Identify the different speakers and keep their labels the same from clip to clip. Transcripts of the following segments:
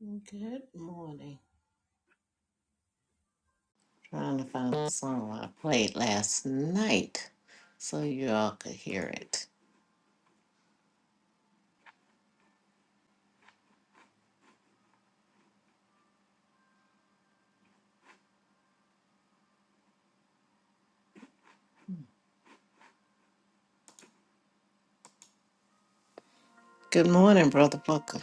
Speaker 1: Good morning. Trying to find the song I played last night so you all could hear it. Good morning, Brother Booker.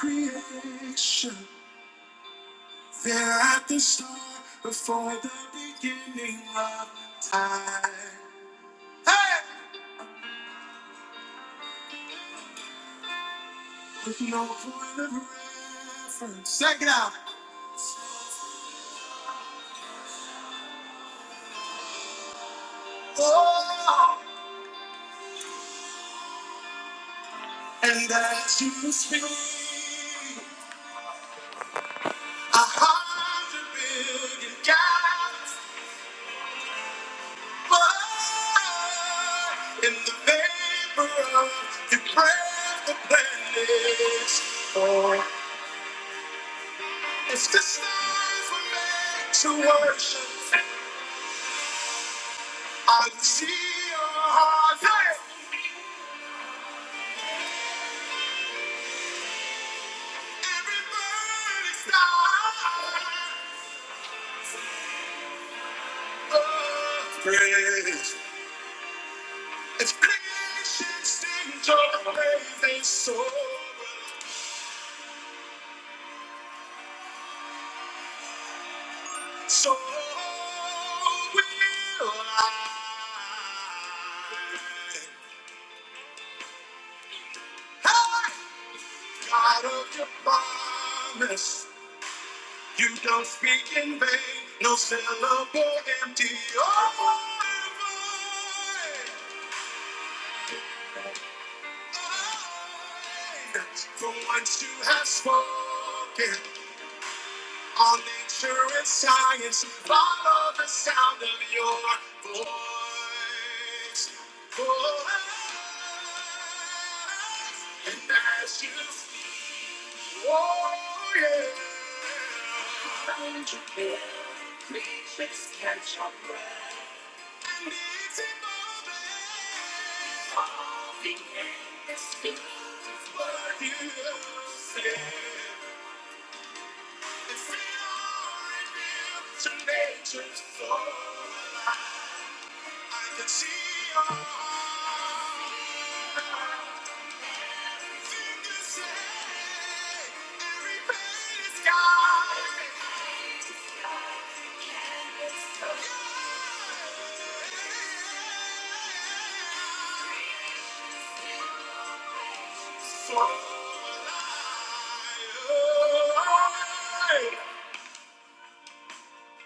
Speaker 1: Creation, there at the start, before the beginning of time. Hey! With no point of reference. Check it out. Oh! And as you speak. A hundred billion gallons burn in the vapor of your breath that planets for. If the stars were made to worship, I'd see your heart. Hey! Every burning star of praise. If creation sings your praise, they soar. So will I. Hey! God of your promise, you don't speak in vain, no syllable empty. Oh, my void. From once you have spoken. All nature and science follow the sound of your voice. voice. And as you oh yeah. Find your care, creatures catch your breath. And it's evolving. Evolving in this field is what you say. To nature's floor, I can see your fingers say every pain is gone. Yeah. For I,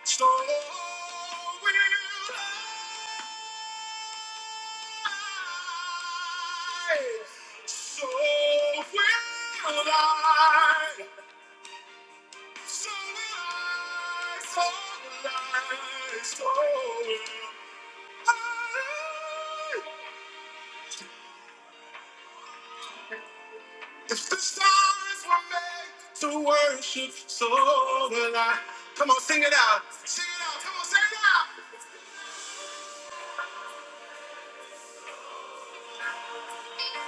Speaker 1: So will I. So will I. So will I. So will I. So will I. If the stars were made to worship, so will I. Come on, sing it out. Sing it out. Come on, sing it out.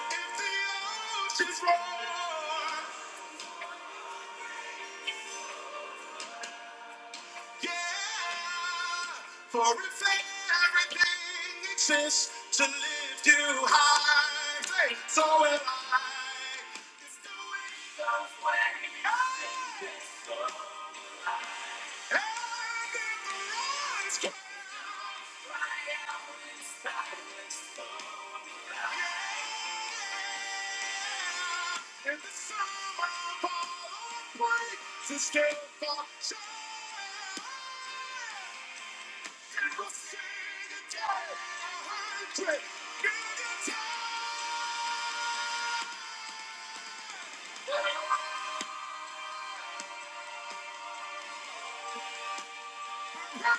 Speaker 1: If the oceans roar, Yeah, for if everything exists to lift you high, hey, so am I. It's the way of way I am. And if the Lord's Yeah, in the summer of all the praises, still for shine. I'll see the day a hundred times. My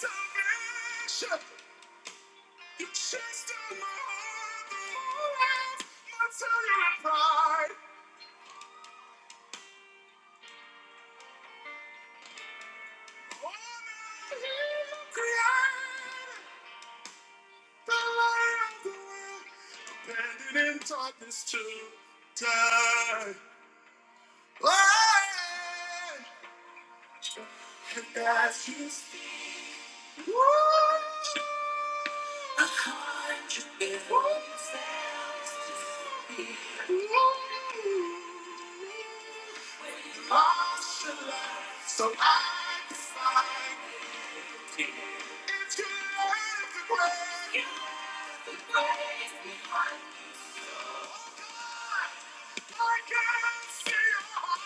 Speaker 1: salvation, you chased after my heart the whole night until you cried. The light of the world, abandoned in darkness to die. And that's you. A hundred miles to keep. I should let you go. So I decide to give it up. I can't steal your heart.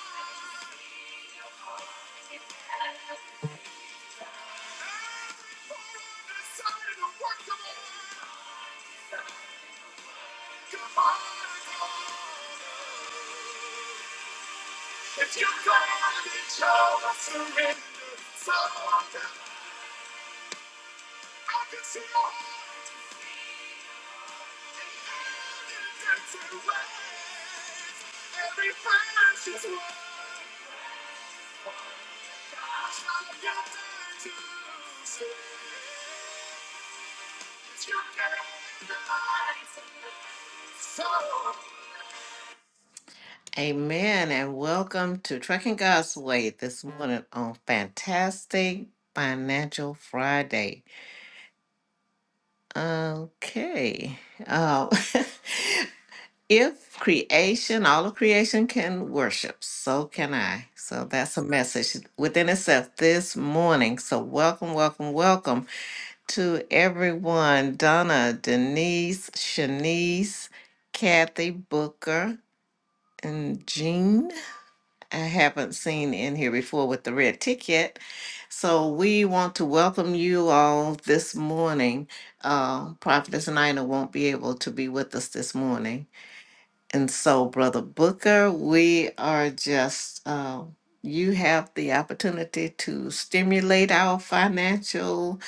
Speaker 1: Every time I decide to walk away, you're part of me. If you're glad it's all surrender, surrender, I can see your heart and hand in empty ways. Every breath is one. Gosh, I got time to see. It's your day, life. So. Amen and welcome to Trucking God's Way this morning on Fantastic Financial Friday. Okay. Oh, if creation, all of creation can worship, so can I. So that's a message within itself this morning. So welcome, welcome, welcome to everyone. Donna, Denise, Shanice, Kathy Booker, and Jean. I haven't seen in here before with the red ticket. So we want to welcome you all this morning. Uh, Prophetess Nina won't be able to be with us this morning. And so, Brother Booker, we are just, uh, you have the opportunity to stimulate our financial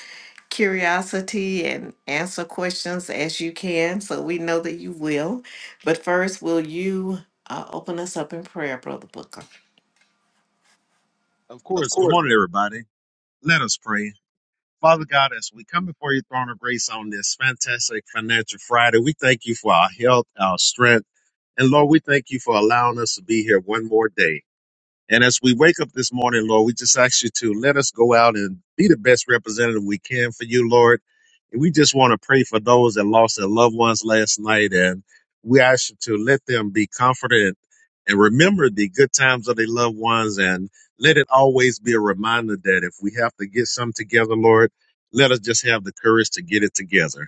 Speaker 1: curiosity and answer questions as you can. So we know that you will. But first, will you uh, open us up in prayer, Brother Booker?
Speaker 2: Of course. Good morning, everybody. Let us pray. Father God, as we come before your throne of grace on this fantastic Financial Friday, we thank you for our health, our strength. And Lord, we thank you for allowing us to be here one more day. And as we wake up this morning, Lord, we just ask you to let us go out and be the best representative we can for you, Lord. And we just want to pray for those that lost their loved ones last night. And we ask you to let them be comforted and remember the good times of their loved ones. And let it always be a reminder that if we have to get something together, Lord, let us just have the courage to get it together.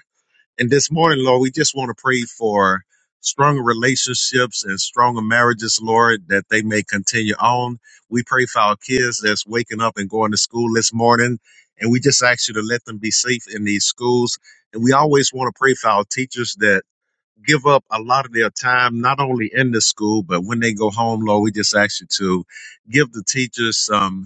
Speaker 2: And this morning, Lord, we just want to pray for stronger relationships and stronger marriages, Lord, that they may continue on. We pray for our kids that's waking up and going to school this morning. And we just ask you to let them be safe in these schools. And we always want to pray for our teachers that give up a lot of their time, not only in the school, but when they go home, Lord, we just ask you to give the teachers some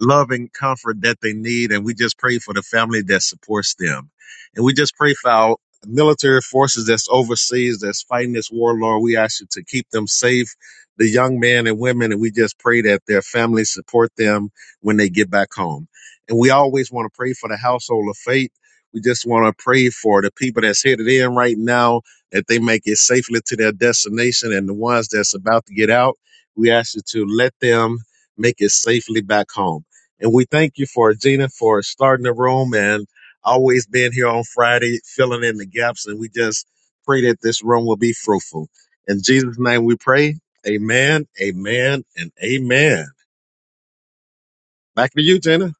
Speaker 2: loving comfort that they need. And we just pray for the family that supports them. And we just pray for our military forces that's overseas that's fighting this war, Lord. We ask you to keep them safe, the young men and women. And we just pray that their families support them when they get back home. And we always want to pray for the household of faith. We just want to pray for the people that's headed in right now that they make it safely to their destination and the ones that's about to get out. We ask you to let them make it safely back home. And we thank you for Gina for starting the room and always being here on Friday, filling in the gaps. And we just pray that this room will be fruitful. In Jesus' name we pray. Amen, amen, and amen. Back to you, Gina.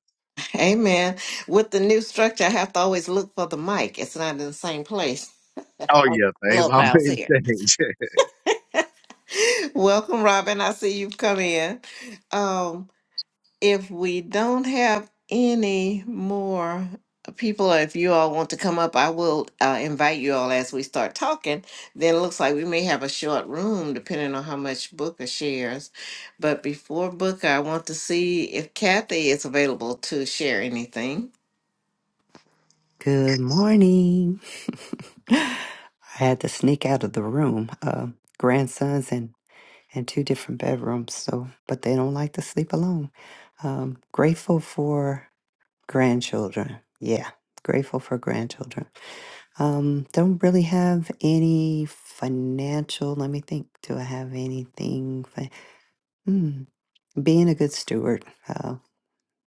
Speaker 1: Amen. With the new structure, I have to always look for the mic. It's not in the same place.
Speaker 2: Oh,
Speaker 1: Oh,
Speaker 2: yeah, things
Speaker 1: Clubhouse
Speaker 2: always
Speaker 1: here.
Speaker 2: change.
Speaker 1: Welcome, Robin. I see you've come in. Um, if we don't have any more people, or if you all want to come up, I will uh, invite you all as we start talking. Then it looks like we may have a short room, depending on how much Booker shares. But before Booker, I want to see if Kathy is available to share anything.
Speaker 3: Good morning. I had to sneak out of the room. Uh, grandsons and and two different bedrooms. So, but they don't like to sleep alone. Um, grateful for grandchildren. Yeah, grateful for grandchildren. Um, don't really have any financial. Let me think. Do I have anything? Fi- hmm, being a good steward. Uh,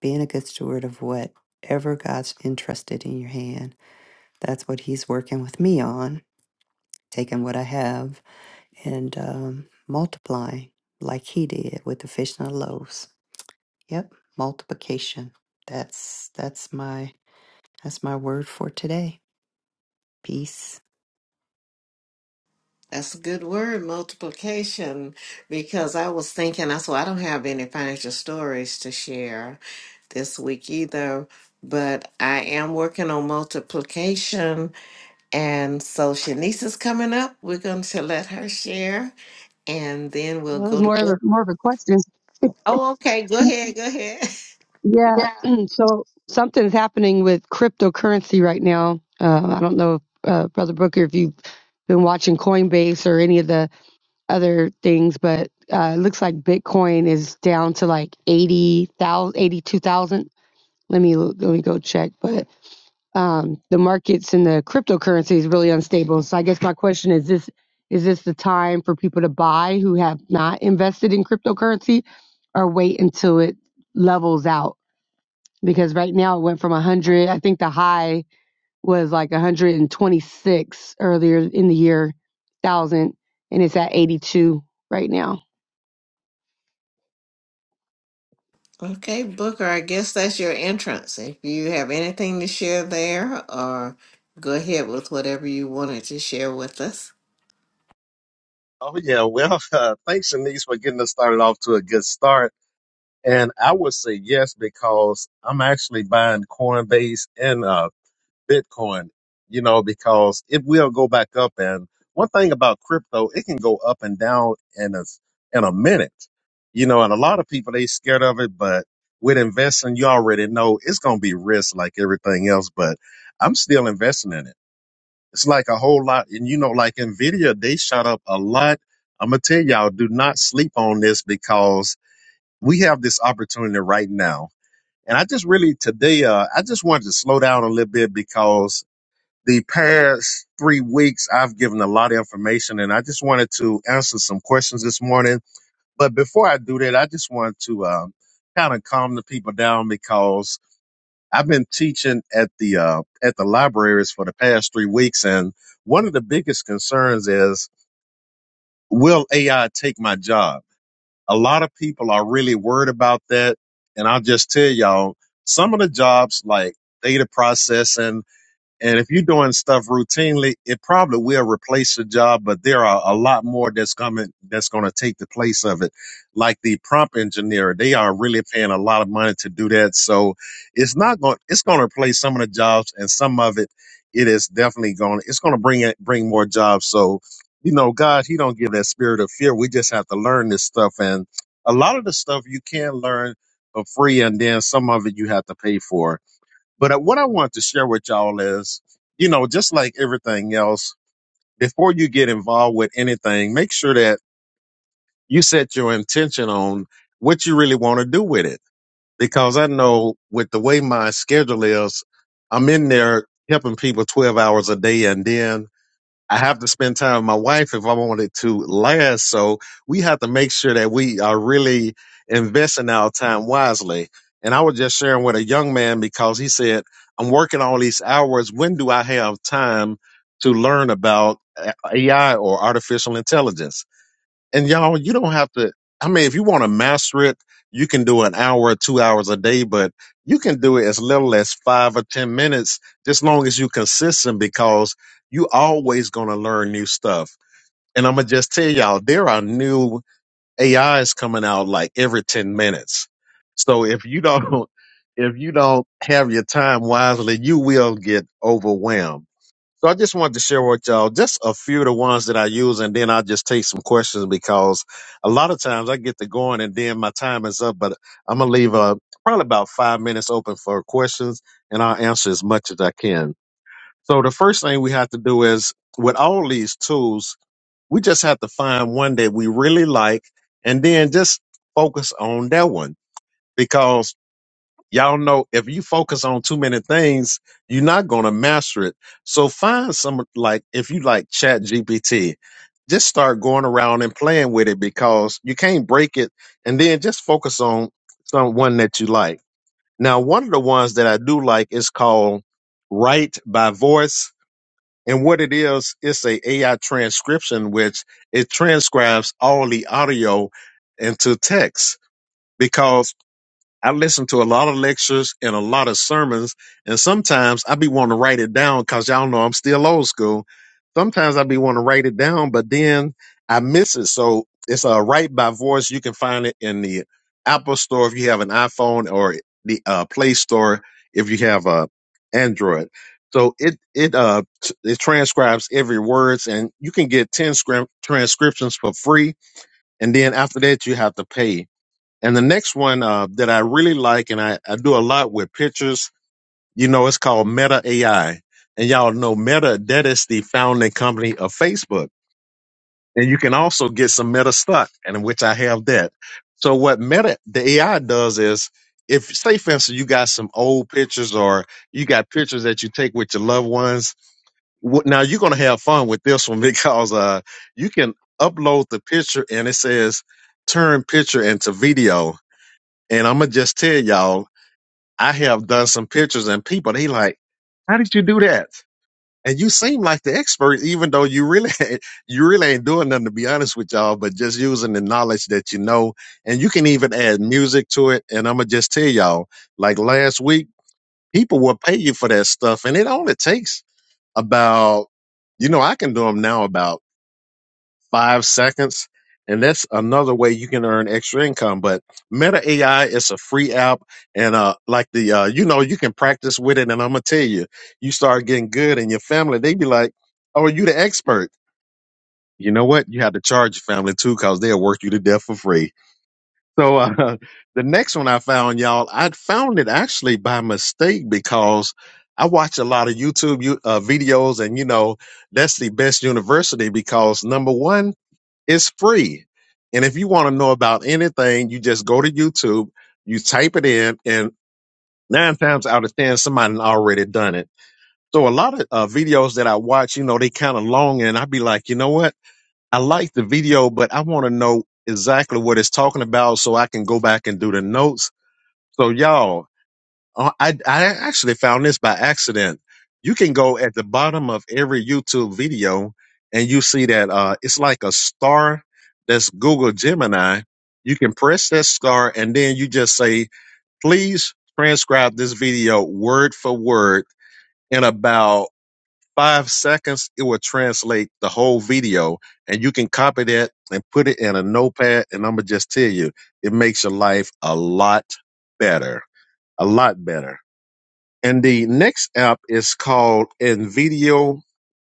Speaker 3: being a good steward of whatever God's entrusted in your hand that's what He's working with me on, taking what I have and um, multiplying like He did with the fish and the loaves. Yep, multiplication. That's that's my that's my word for today. Peace.
Speaker 1: That's a good word, multiplication, because I was thinking, I so I don't have any financial stories to share this week either, but I am working on multiplication. And so Shanice is coming up. We're going to let her share, and then we'll
Speaker 4: Well, it was
Speaker 1: go to
Speaker 4: more of a,
Speaker 1: book.
Speaker 4: more of a question.
Speaker 1: Oh, okay. Go ahead. Go ahead.
Speaker 4: Yeah. so something's happening with cryptocurrency right now. Uh, I don't know, uh, Brother Booker, if you've been watching Coinbase or any of the other things, but uh, it looks like Bitcoin is down to like 80,000, 82,000. Let me, let me go check. But um, the markets and the cryptocurrency is really unstable. So I guess my question is this is this the time for people to buy who have not invested in cryptocurrency or wait until it levels out? Because right now it went from 100, I think the high was like 126 earlier in the year, 1000, and it's at 82 right now.
Speaker 1: Okay, Booker, I guess that's your entrance. If you have anything to share there, or go ahead with whatever you wanted to share with us.
Speaker 2: oh, yeah. Well, uh, thanks, Shanice, for getting us started off to a good start. And I would say yes because I'm actually buying Coinbase and uh, Bitcoin, you know, because it will go back up. And one thing about crypto, it can go up and down in a, in a minute, you know, and a lot of people, they scared of it, but with investing, you already know it's going to be risk like everything else, but I'm still investing in it. It's like a whole lot. And you know, like Nvidia, they shot up a lot. I'm going to tell y'all, do not sleep on this because we have this opportunity right now. And I just really today, uh, I just wanted to slow down a little bit because the past three weeks, I've given a lot of information and I just wanted to answer some questions this morning. But before I do that, I just want to um, kind of calm the people down because I've been teaching at the uh, at the libraries for the past three weeks, and one of the biggest concerns is will AI take my job? A lot of people are really worried about that, and I'll just tell y'all some of the jobs like data processing and if you're doing stuff routinely, it probably will replace the job, but there are a lot more that's coming that's going to take the place of it. Like the prompt engineer, they are really paying a lot of money to do that. So it's not going it's going to replace some of the jobs and some of it it is definitely going it's going to bring it bring more jobs. So, you know, God, he don't give that spirit of fear. We just have to learn this stuff and a lot of the stuff you can learn for free and then some of it you have to pay for but uh, what I want to share with y'all is, you know, just like everything else, before you get involved with anything, make sure that you set your intention on what you really want to do with it. Because I know with the way my schedule is, I'm in there helping people 12 hours a day. And then I have to spend time with my wife if I want it to last. So we have to make sure that we are really investing our time wisely. And I was just sharing with a young man because he said, I'm working all these hours. When do I have time to learn about AI or artificial intelligence? And y'all, you don't have to. I mean, if you want to master it, you can do an hour or two hours a day, but you can do it as little as five or 10 minutes, just long as you're consistent because you always going to learn new stuff. And I'm going to just tell y'all, there are new AIs coming out like every 10 minutes. So if you don't, if you don't have your time wisely, you will get overwhelmed so I just wanted to share with y'all just a few of the ones that I use, and then I'll just take some questions because a lot of times I get to going and then my time is up. But I'm gonna leave uh, probably about five minutes open for questions, and I'll answer as much as I can. So the first thing we have to do is with all these tools, we just have to find one that we really like, and then just focus on that one because Y'all know if you focus on too many things, you're not going to master it. So find some, like, if you like Chat GPT, just start going around and playing with it because you can't break it. And then just focus on someone that you like. Now, one of the ones that I do like is called Write by Voice. And what it is, it's a AI transcription, which it transcribes all the audio into text because I listen to a lot of lectures and a lot of sermons, and sometimes I be wanting to write it down because y'all know I'm still old school. Sometimes I be wanting to write it down, but then I miss it. So it's a write by voice. You can find it in the Apple Store if you have an iPhone, or the uh, Play Store if you have a Android. So it it uh t- it transcribes every words, and you can get ten scrim- transcriptions for free, and then after that you have to pay. And the next one uh, that I really like, and I, I do a lot with pictures, you know, it's called Meta AI. And y'all know Meta, that is the founding company of Facebook. And you can also get some Meta stock, and which I have that. So what Meta, the AI does is, if say for instance you got some old pictures or you got pictures that you take with your loved ones, wh- now you're gonna have fun with this one because uh, you can upload the picture and it says turn picture into video and I'm gonna just tell y'all, I have done some pictures and people they like, how did you do that? And you seem like the expert, even though you really you really ain't doing nothing to be honest with y'all, but just using the knowledge that you know. And you can even add music to it. And I'ma just tell y'all, like last week, people will pay you for that stuff. And it only takes about, you know, I can do them now about five seconds. And that's another way you can earn extra income. But Meta AI is a free app. And uh, like the, uh, you know, you can practice with it. And I'm going to tell you, you start getting good and your family, they be like, oh, you the expert. You know what? You have to charge your family too because they'll work you to death for free. So uh, the next one I found, y'all, I found it actually by mistake because I watch a lot of YouTube uh, videos and, you know, that's the best university because number one, it's free. And if you want to know about anything, you just go to YouTube, you type it in, and nine times out of ten, somebody already done it. So a lot of uh, videos that I watch, you know, they kind of long, and I'd be like, you know what? I like the video, but I want to know exactly what it's talking about so I can go back and do the notes. So y'all. Uh, I, I actually found this by accident. You can go at the bottom of every YouTube video and you see that uh, it's like a star that's Google Gemini. You can press that star and then you just say, please transcribe this video word for word. In about five seconds, it will translate the whole video and you can copy that and put it in a notepad. And I'm going to just tell you, it makes your life a lot better, a lot better. And the next app is called Nvidio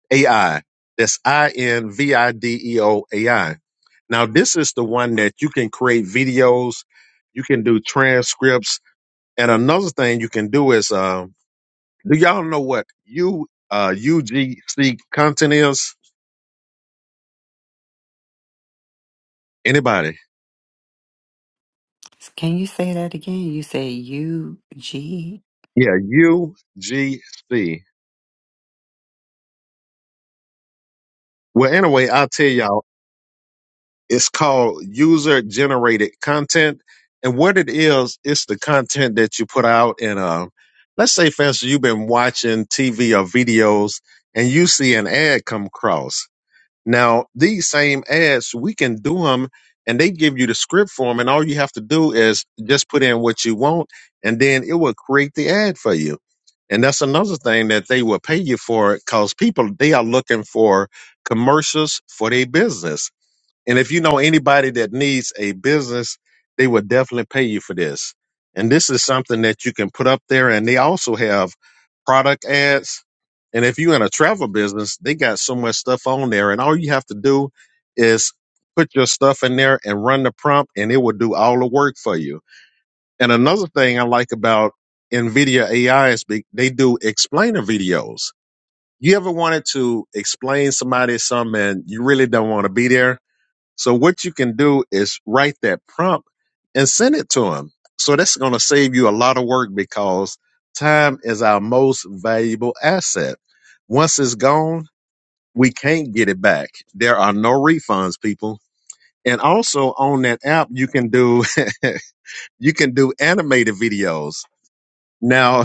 Speaker 2: AI. That's I N V I D E O A I. Now, this is the one that you can create videos, you can do transcripts. And another thing you can do is uh, do y'all know what U, uh, UGC content is? Anybody?
Speaker 3: Can you say that again? You say U G
Speaker 2: Yeah, UGC. Well, anyway, I'll tell y'all It's called user generated content. And what it is, it's the content that you put out. And uh, let's say, for instance, you've been watching TV or videos and you see an ad come across. Now, these same ads, we can do them and they give you the script for them. And all you have to do is just put in what you want and then it will create the ad for you. And that's another thing that they will pay you for because people, they are looking for commercials for their business and if you know anybody that needs a business, they will definitely pay you for this. And this is something that you can put up there. And they also have product ads. And if you're in a travel business, they got so much stuff on there. And all you have to do is put your stuff in there and run the prompt, and it will do all the work for you. And another thing I like about NVIDIA AI is be- they do explainer videos. You ever wanted to explain somebody something and you really don't want to be there? So what you can do is write that prompt and send it to them. So that's going to save you a lot of work because time is our most valuable asset. Once it's gone, we can't get it back. There are no refunds, people. And also on that app, you can do you can do animated videos. Now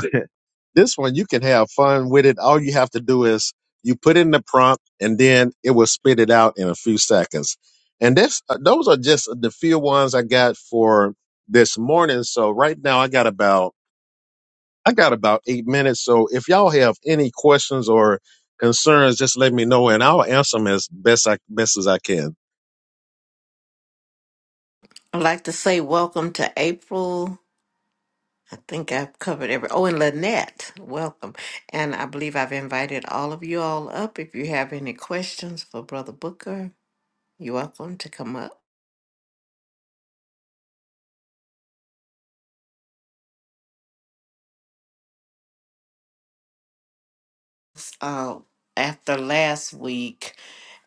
Speaker 2: this one you can have fun with it. All you have to do is you put in the prompt, and then it will spit it out in a few seconds. And this, uh, those are just the few ones I got for this morning. So right now I got about I got about eight minutes. So if y'all have any questions or concerns, just let me know, and I'll answer them as best I best as I can.
Speaker 1: I'd like to say welcome to April. I think I've covered every. Oh, and Lynette, welcome. And I believe I've invited all of you all up. If you have any questions for Brother Booker, you're welcome to come up. Uh, after last week,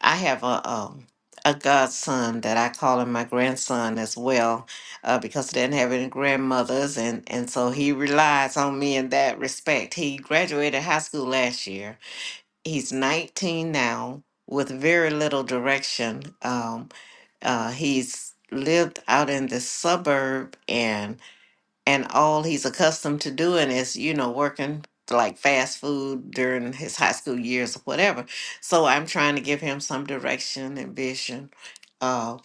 Speaker 1: I have a um, a godson that I call him my grandson as well, uh, because he didn't have any grandmothers, and and so he relies on me in that respect. He graduated high school last year He's 19 now with very little direction. Um, uh, he's lived out in the suburb and and all he's accustomed to doing is, you know, working like fast food during his high school years or whatever. So I'm trying to give him some direction and vision uh,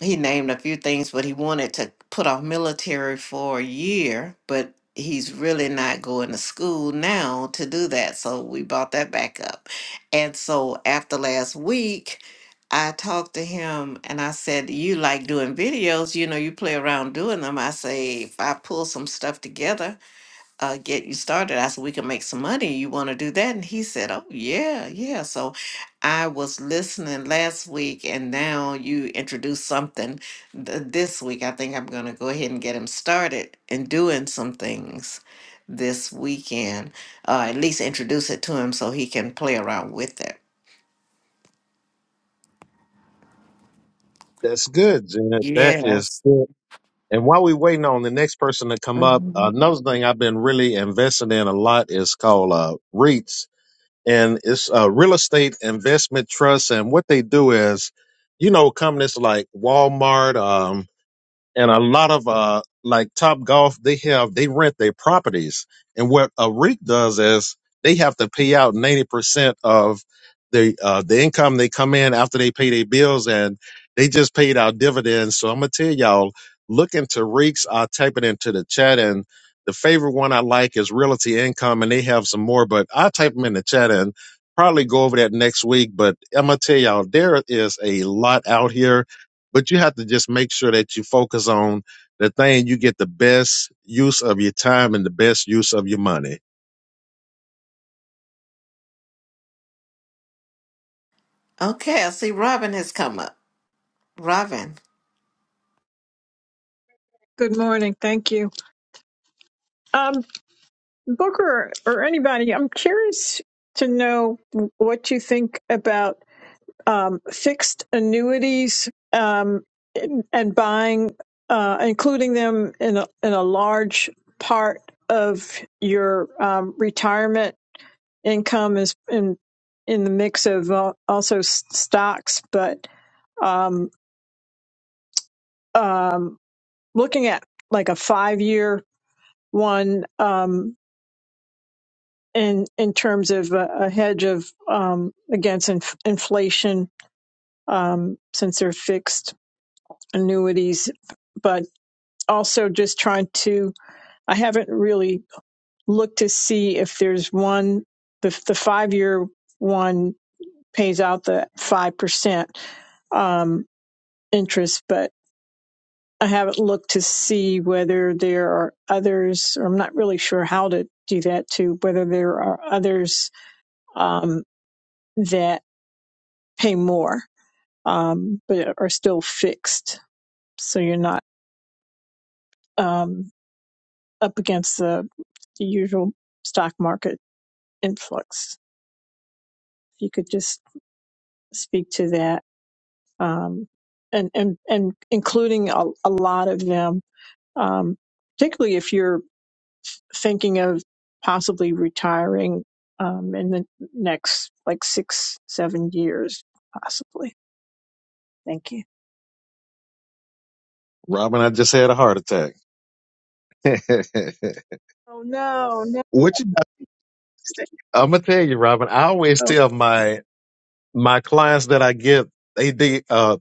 Speaker 1: he named a few things, but he wanted to put off military for a year, but he's really not going to school now to do that. So we brought that back up. And so after last week, I talked to him and I said, You like doing videos, you know, you play around doing them. I say, if I pull some stuff together, uh, get you started. I said, we can make some money. You want to do that? And he said, oh, yeah, yeah. So I was listening last week, and now you introduced something th- this week. I think I'm going to go ahead and get him started and doing some things this weekend, uh, at least introduce it to him so he can play around with it.
Speaker 2: That's good, Janet. That is
Speaker 1: Yes.
Speaker 2: good. And while we're waiting on the next person to come up,
Speaker 1: Mhm.
Speaker 2: another thing I've been really investing in a lot is called uh, REITs and it's a real estate investment trust. And what they do is, you know, companies like Walmart, um, and a lot of uh like top golf they have they rent their properties and what a REIT does is they have to pay out 90% of the uh the income they come in after they pay their bills and they just paid out dividends so i'm gonna tell y'all look into REITs, i'll type it into the chat and the favorite one i like is realty income and they have some more but i'll type them in the chat and probably go over that next week but i'm gonna tell y'all there is a lot out here but you have to just make sure that you focus on the thing you get the best use of your time and the best use of your money.
Speaker 1: Okay, I see Robin has come up. Robin,
Speaker 5: Good morning. Thank you. Um, Booker or anybody, I'm curious to know what you think about um, fixed annuities um, and and buying, uh, including them in a, in a large part of your um, retirement income is in in the mix of uh, also s- stocks, but um, um, looking at like a five year one. Um, in in terms of a, a hedge of um, against inf- inflation um, since they're fixed annuities, but also just trying to. I haven't really looked to see if there's one the the five year one pays out the five percent um, interest, but I haven't looked to see whether there are others, or I'm not really sure how to do that too. Whether there are others um, that pay more um, but are still fixed. So you're not um, up against the, the usual stock market influx. If you could just speak to that, um, and and and including a, a lot of them, um, particularly if you're thinking of possibly retiring um, in the next like six seven years, possibly. Thank you.
Speaker 2: Robin, I just had a heart attack.
Speaker 5: Oh no, no.
Speaker 2: what you
Speaker 5: Thank you.
Speaker 2: I'm gonna tell you, Robin, I always tell my my clients that I get they they uh.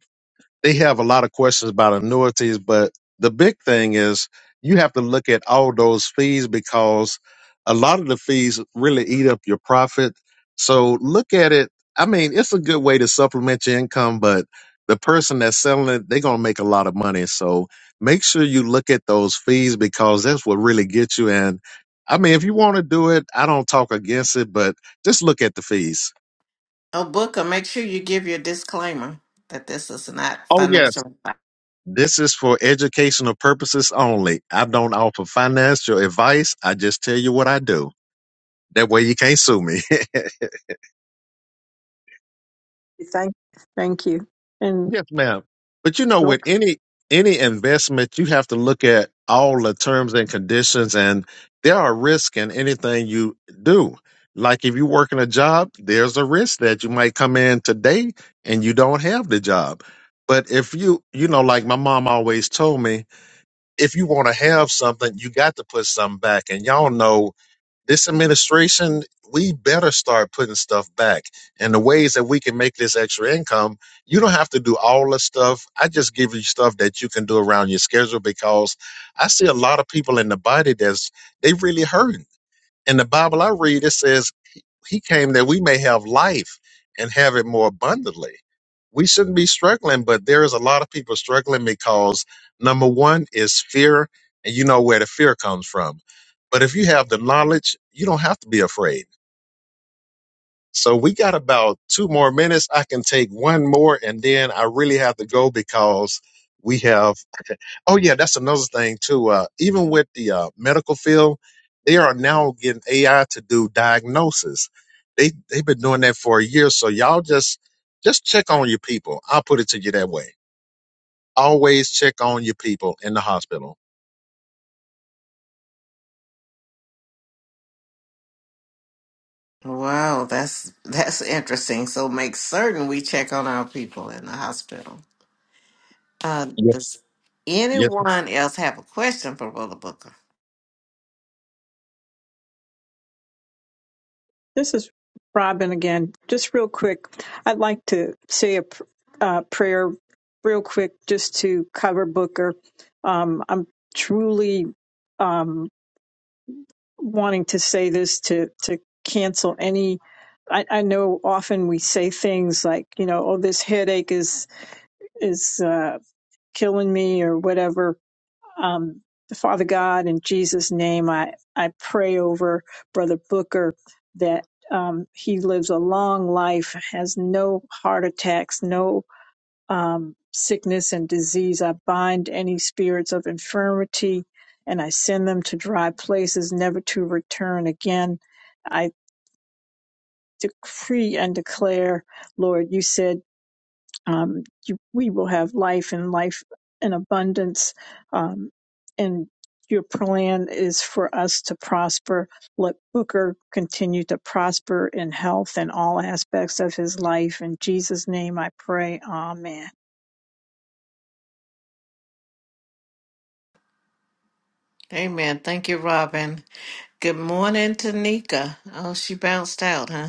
Speaker 2: they have a lot of questions about annuities, but the big thing is you have to look at all those fees because a lot of the fees really eat up your profit. So look at it. I mean, it's a good way to supplement your income, but the person that's selling it, they're going to make a lot of money. So make sure you look at those fees because that's what really gets you. And I mean, if you want to do it, I don't talk against it, but just look at the fees.
Speaker 1: oh, Booker, make sure you give your disclaimer that this is not
Speaker 2: Oh, yes.
Speaker 1: financial.
Speaker 2: This is for educational purposes only. I don't offer financial advice. I just tell you what I do. That way you can't sue me.
Speaker 5: Thank you. And
Speaker 2: yes, ma'am. But you know, with any any investment, you have to look at all the terms and conditions and there are risks in anything you do. Like if you work in a job, there's a risk that you might come in today and you don't have the job. But if you, you know, like my mom always told me, if you want to have something, you got to put something back. And y'all know this administration, we better start putting stuff back. And the ways that we can make this extra income, you don't have to do all the stuff. I just give you stuff that you can do around your schedule because I see a lot of people in the body that's they really hurting. In the Bible I read, it says he came that we may have life and have it more abundantly. We shouldn't be struggling, but there is a lot of people struggling because number one is fear, and you know where the fear comes from. But if you have the knowledge, you don't have to be afraid so we got about two more minutes. I can take one more and then I really have to go because we have, oh yeah, that's another thing too. Uh, even with the uh, medical field, they are now getting AI to do diagnosis. They, they've been doing that for a year. So y'all just, just check on your people. I'll put it to you that way. Always check on your people in the hospital.
Speaker 1: Wow, that's that's interesting. So make certain we check on our people in the hospital. Uh,
Speaker 2: Yeah.
Speaker 1: does anyone else have a question for Brother Booker?
Speaker 5: This is Robin again. Just real quick, I'd like to say a pr- uh, prayer real quick just to cover Booker. Um, I'm truly um, wanting to say this to, to cancel any. I, I know often we say things like, you know, oh, this headache is is uh, killing me or whatever um, the Father God, in Jesus' name, I, I pray over Brother Booker that um, he lives a long life, has no heart attacks, no um, sickness and disease. I bind any spirits of infirmity and I send them to dry places, never to return again. I decree and declare, Lord, you said um, you, we will have life and life in abundance. Um, and your plan is for us to prosper. Let Booker continue to prosper in health and all aspects of his life. In Jesus' name I pray. Amen.
Speaker 1: Amen. Thank you, Robin. Good morning, Tanika. Oh, she bounced out, huh?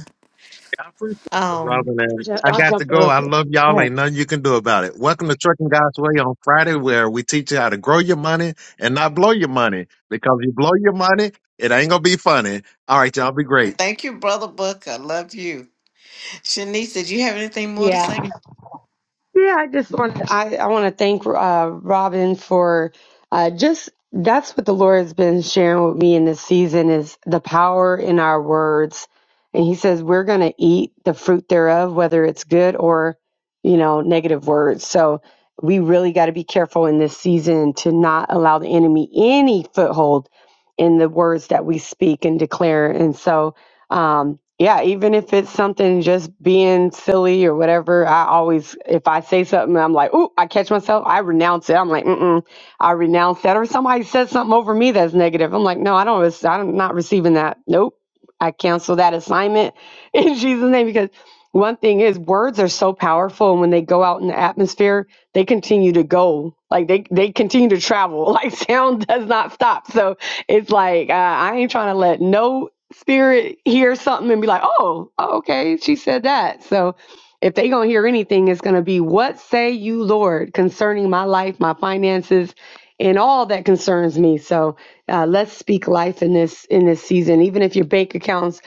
Speaker 2: I appreciate it,
Speaker 1: Um,
Speaker 2: Robin, and
Speaker 4: Ju-
Speaker 2: I
Speaker 4: I'll
Speaker 2: got
Speaker 4: jump
Speaker 2: to
Speaker 4: in
Speaker 2: go.
Speaker 4: real
Speaker 2: I
Speaker 4: quick.
Speaker 2: love
Speaker 4: Go
Speaker 2: y'all.
Speaker 4: ahead.
Speaker 2: Ain't nothing you can do about it. Welcome to Trucking God's Way on Friday, where we teach you how to grow your money and not blow your money. Because you blow your money, it ain't gonna be funny. All right, y'all be great.
Speaker 1: thank you, Brother Booker. Love you, Shanice. Did you have anything more to
Speaker 4: Yeah.
Speaker 1: say?
Speaker 4: Yeah, I just want I, I want to thank uh, Robin for uh, just that's what the Lord has been sharing with me in this season is the power in our words, and He says we're going to eat the fruit thereof, whether it's good or you know negative words. So we really got to be careful in this season to not allow the enemy any foothold in the words that we speak and declare. And so um yeah even if it's something just being silly or whatever i always if i say something i'm like ooh i catch myself i renounce it i'm like mm i renounce that or somebody says something over me that's negative i'm like no i don't rec- i'm not receiving that nope i cancel that assignment in jesus name because one thing is words are so powerful and when they go out in the atmosphere they continue to go like they they continue to travel like sound does not stop so it's like uh, I ain't trying to let no spirit hear something and be like, oh, oh, okay, she said that. So if they gonna hear anything, it's gonna be, "What say you, Lord, concerning my life, my finances, and all that concerns me?" So uh, let's speak life in this in this season. Even if your bank accounts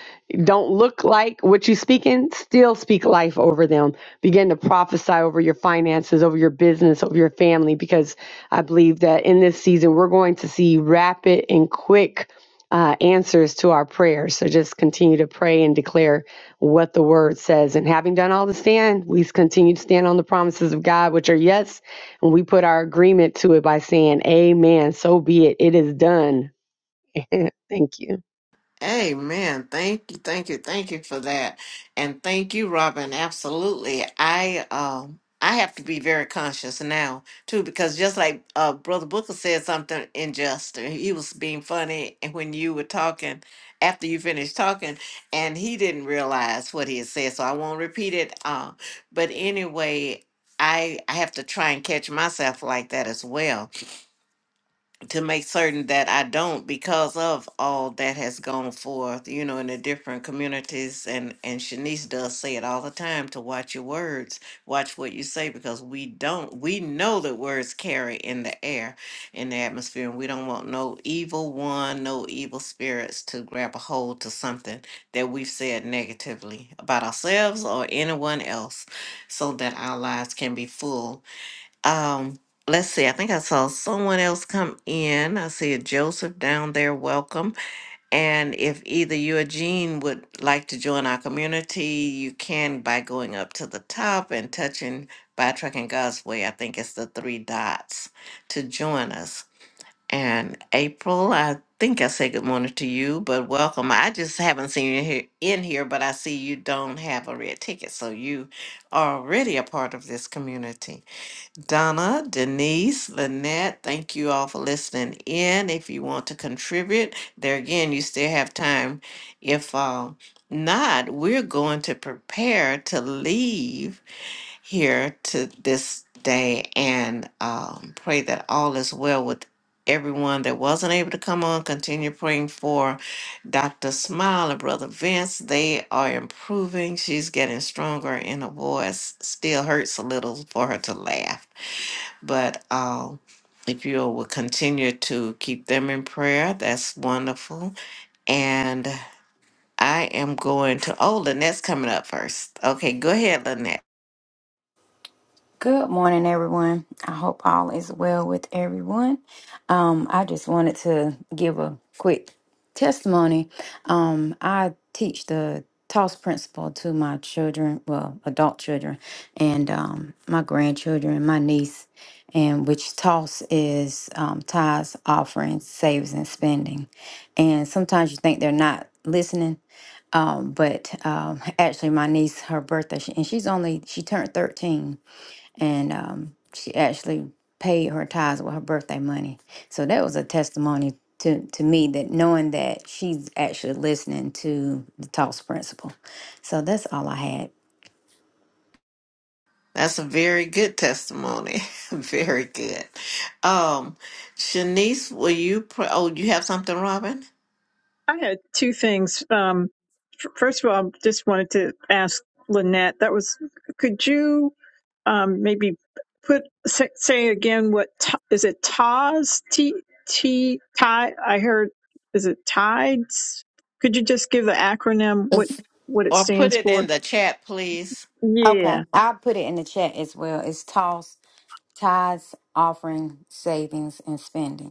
Speaker 4: don't look like what you speaking, still speak life over them. Begin to prophesy over your finances, over your business, over your family, because I believe that in this season we're going to see rapid and quick uh, answers to our prayers. So just continue to pray and declare what the word says. And having done all to stand, we continue to stand on the promises of God, which are yes. And we put our agreement to it by saying, Amen. So be it. It is done. Thank you.
Speaker 1: Amen. Thank you, thank you, thank you for that. And thank you, Robin. Absolutely. I um I have to be very conscious now too, because just like uh Brother Booker said something unjust, and he was being funny and when you were talking after you finished talking, and he didn't realize what he had said, so I won't repeat it. Um, but anyway, I I have to try and catch myself like that as well to make certain that I don't because of all that has gone forth, you know, in the different communities and and Shanice does say it all the time to watch your words, watch what you say because we don't we know that words carry in the air, in the atmosphere, and we don't want no evil one, no evil spirits to grab a hold to something that we've said negatively about ourselves or anyone else so that our lives can be full um, let's see. I think I saw someone else come in. I see a Joseph down there. Welcome. And if either you or Jean would like to join our community, you can by going up to the top and touching by trucking God's way. I think it's the three dots to join us. And April, I think I said good morning to you, but welcome. I just haven't seen you here in here, but I see you don't have a red ticket, so you are already a part of this community. Donna, Denise, Lynette, thank you all for listening in. If you want to contribute, there again, you still have time. If uh, not, we're going to prepare to leave here to this day and um, pray that all is well with everyone that wasn't able to come on. Continue praying for Dr. Smile and Brother Vince. They are improving. She's getting stronger in her voice. Still hurts a little for her to laugh but uh, if you will continue to keep them in prayer, that's wonderful. And I am going to, oh, Lynette's coming up first. Okay, go ahead, Lynette.
Speaker 6: Good morning, everyone. I hope all is well with everyone. Um, I just wanted to give a quick testimony. Um, I teach the TOSS principle to my children, well, adult children, and um, my grandchildren, my niece, and which TOSS is um, tithes, offerings, saves, and spending. And sometimes you think they're not listening, um, but um, actually, my niece, her birthday, she, and she's only she turned thirteen and um, she actually paid her tithes with her birthday money. So that was a testimony to to me that knowing that she's actually listening to the toss principle. So that's all I had.
Speaker 1: That's a very good testimony. very good. Um, Shanice, will you, pr- oh, you have something, Robin?
Speaker 5: I had two things. Um, f- first of all, I just wanted to ask Lynette. That was, could you um, maybe put say, say again what t- is it? Taz T T tide. I heard is it tides? Could you just give the acronym what
Speaker 6: It's
Speaker 5: what it
Speaker 1: Or put
Speaker 5: stands
Speaker 1: it
Speaker 5: for?
Speaker 1: in the chat, please.
Speaker 6: okay.
Speaker 5: Yeah.
Speaker 6: I'll put it in the chat as well. It's toss tithes, offering, savings, and spending.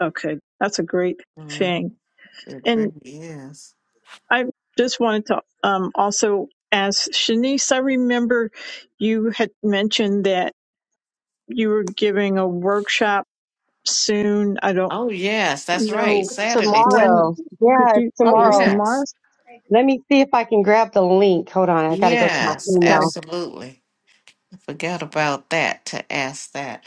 Speaker 5: Okay, that's a great
Speaker 1: hmm
Speaker 5: thing.
Speaker 1: It
Speaker 5: And
Speaker 1: really is.
Speaker 5: I just wanted to um, also ask Shanice. I remember you had mentioned that. you were giving a workshop soon. I don't
Speaker 1: Oh, yes, that's right.
Speaker 5: know
Speaker 4: It's
Speaker 1: Saturday, 10.
Speaker 5: when
Speaker 4: tomorrow.
Speaker 5: could
Speaker 4: Yeah, it's
Speaker 5: you, oh, it was
Speaker 4: tomorrow.
Speaker 1: Yes,
Speaker 5: tomorrow?
Speaker 4: Let me see if I can grab the link. Hold on. I got to go to my
Speaker 1: yes,
Speaker 5: Okay.
Speaker 4: email.
Speaker 1: absolutely. Forgot about that to ask that.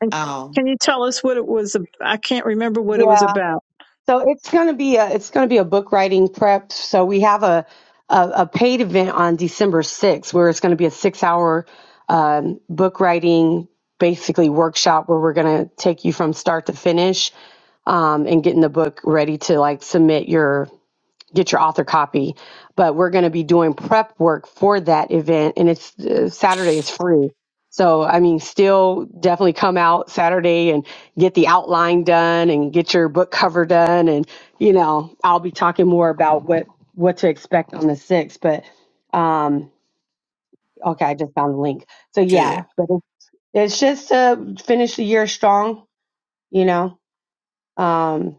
Speaker 5: And
Speaker 1: Um,
Speaker 5: can you tell us what it was? ab- I can't remember what it
Speaker 4: Yeah.
Speaker 5: was about.
Speaker 4: So it's going to be a it's going to be a book writing prep. So we have a a, a paid event on December 6th where it's going to be a six hour um, book writing basically workshop where we're going to take you from start to finish um, and getting the book ready to like submit your get your author copy. But we're going to be doing prep work for that event, and it's uh, Saturday is free. So I mean, still definitely come out Saturday and get the outline done and get your book cover done, and you know, I'll be talking more about what what to expect on the sixth. But um, okay, I just found the link. So
Speaker 1: good.
Speaker 4: yeah, but it's it's just to finish the year strong, you know um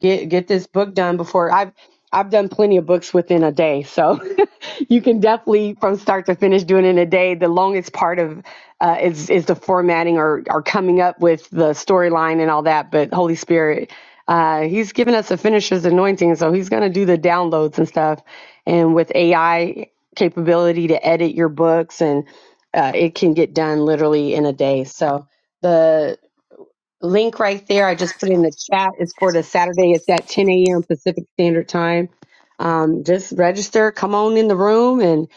Speaker 4: get get this book done before I've I've done plenty of books within a day. So you can definitely from start to finish do it in a day. The longest part of uh, is is the formatting or or coming up with the storyline and all that. But Holy Spirit, uh, He's given us a finisher's anointing, so He's gonna do the downloads and stuff. And with AI capability to edit your books, and uh, it can get done literally in a day. So the link right there. I just put in the chat. It's for the Saturday. It's at 10 a.m. Pacific Standard Time. Um, just register. Come on in the room, and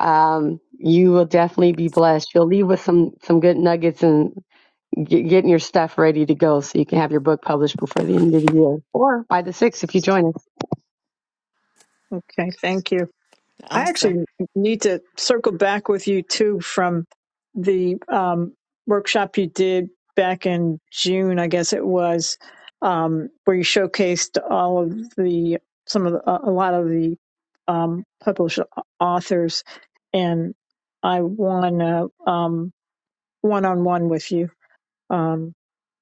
Speaker 4: um, you will definitely be blessed. You'll leave with some some good nuggets and get, getting your stuff ready to go, so you can have your book published before the end of the year, or by the sixth if you join us.
Speaker 5: Okay. Thank you. I
Speaker 1: Awesome.
Speaker 5: actually need to circle back with you too from the um, workshop you did back in June, I guess it was, um, where you showcased all of the some of the, a lot of the um, published authors, and I want a um, one-on-one with you. Um,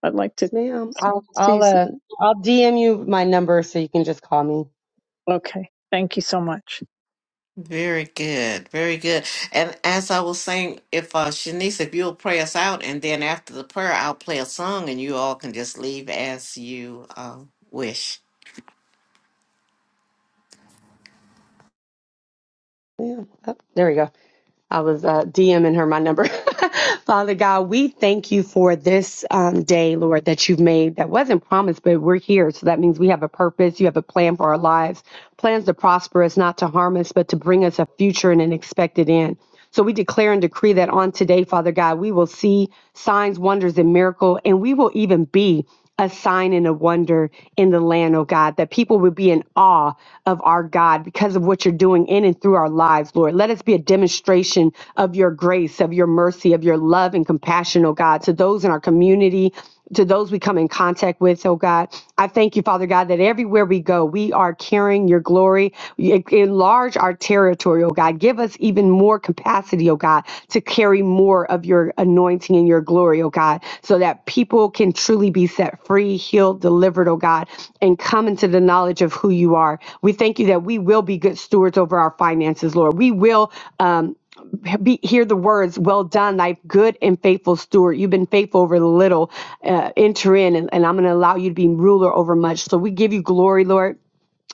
Speaker 5: I'd like to
Speaker 4: Yes, ma'am. I'll
Speaker 5: see.
Speaker 4: I'll uh, I'll DM you my number so you can just call me.
Speaker 5: Okay, thank you so much.
Speaker 1: Very good. Very good. And as I was saying, if uh Shanice, if you'll pray us out and then after the prayer I'll play a song and you all can just leave as you uh, wish.
Speaker 4: Yeah, oh, there we go. I was uh, DMing her my number. Father God, we thank you for this um, day, Lord, that you've made that wasn't promised, but we're here. So that means we have a purpose. You have a plan for our lives, plans to prosper us, not to harm us, but to bring us a future and an expected end. So we declare and decree that on today, Father God, we will see signs, wonders, and miracle, and we will even be a sign and a wonder in the land, oh God, that people would be in awe of our God because of what you're doing in and through our lives, Lord. Let us be a demonstration of your grace, of your mercy, of your love and compassion, oh God, to those in our community. To those we come in contact with, oh God, I thank you, Father God, that everywhere we go, we are carrying your glory. E- Enlarge our territory, oh God. Give us even more capacity, oh God, to carry more of your anointing and your glory, oh God, so that people can truly be set free, healed, delivered, oh God, and come into the knowledge of who you are. We thank you that we will be good stewards over our finances, Lord. We will um, be, hear the words, Well done, thy good and faithful steward. You've been faithful over the little. Uh, enter in, and, and I'm going to allow you to be ruler over much. So we give you glory, Lord.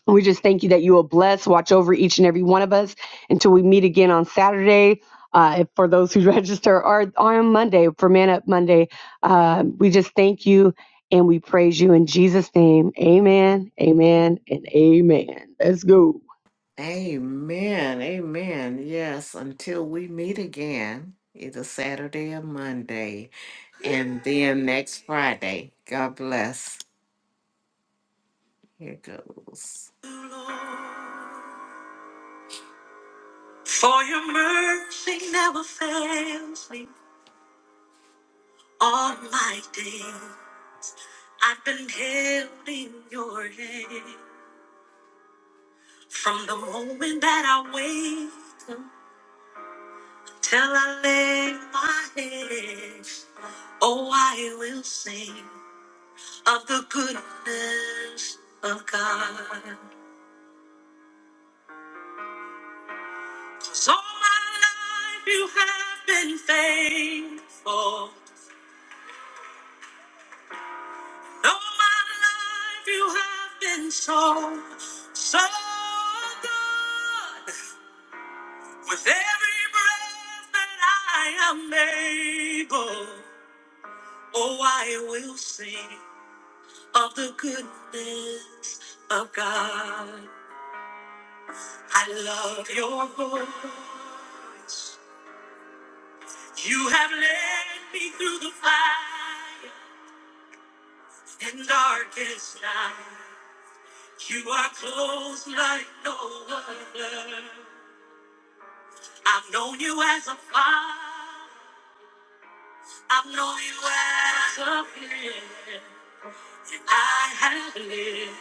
Speaker 4: We just thank you that you will bless, watch over each and every one of us until we meet again on Saturday. Uh, for those who register or on Monday for Man Up Monday, uh, we just thank you and we praise you in Jesus' name. Amen, amen, and amen. Let's go.
Speaker 1: Amen. Amen. Yes, until we meet again, either Saturday or Monday. And then next Friday. God bless. Here goes. For your mercy never fails me. All my days I've been held in your hand. From the moment that I wake up till I lay my head, oh, I will sing of the goodness of God. 'Cause all my life you have been faithful. All my life you have been so, so good. With every breath that I am able, oh, I will sing of the goodness of God. I love your voice. You have led me through the fire and darkest night. You are close like no other. I've known you as a father. I've known you as a friend. And I have lived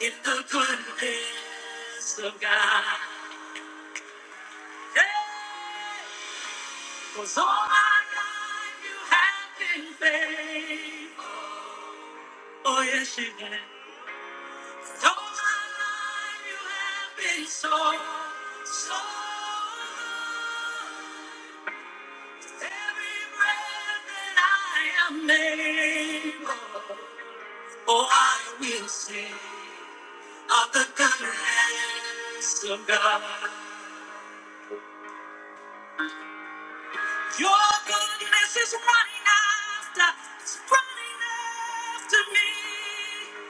Speaker 1: in the goodness of God. Yeah. Cause all my life you have been faithful. Oh, yes, you have. 'Cause All my life you have been so, so good. Every breath that I am able. Oh, I will sing of the goodness of God. Your goodness is running after, it's running after me.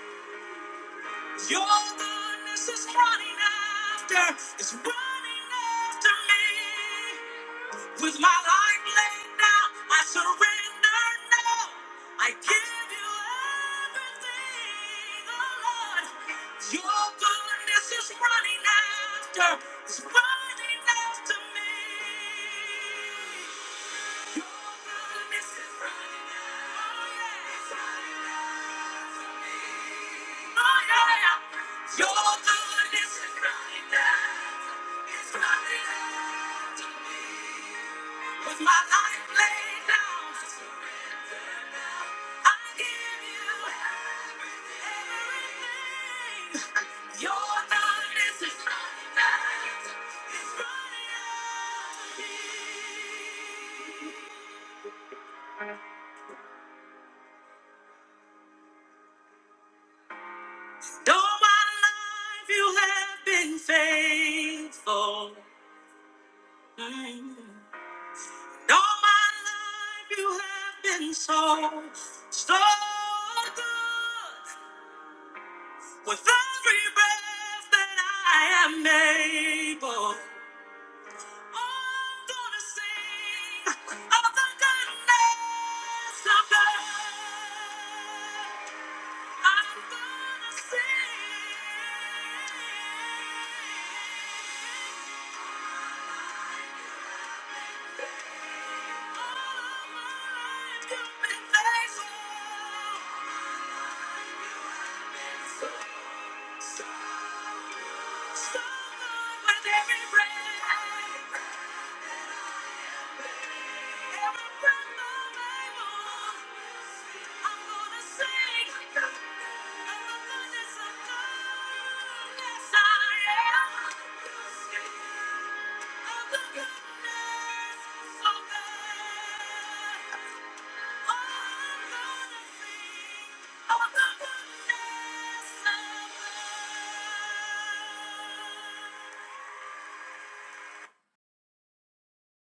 Speaker 1: Your goodness is running after, it's running after me. With my life laid down, I surrender now. I give you everything, oh Lord. Your goodness is running after, is running after me. With my life laid down, I surrender now. I give you everything. Your love is running out. It's running out. All my life you have been faithful. Mm. Though my life you have been so, so good. With every breath that I am able, I'm gonna sing of the goodness of God. With every breath, every Thank you.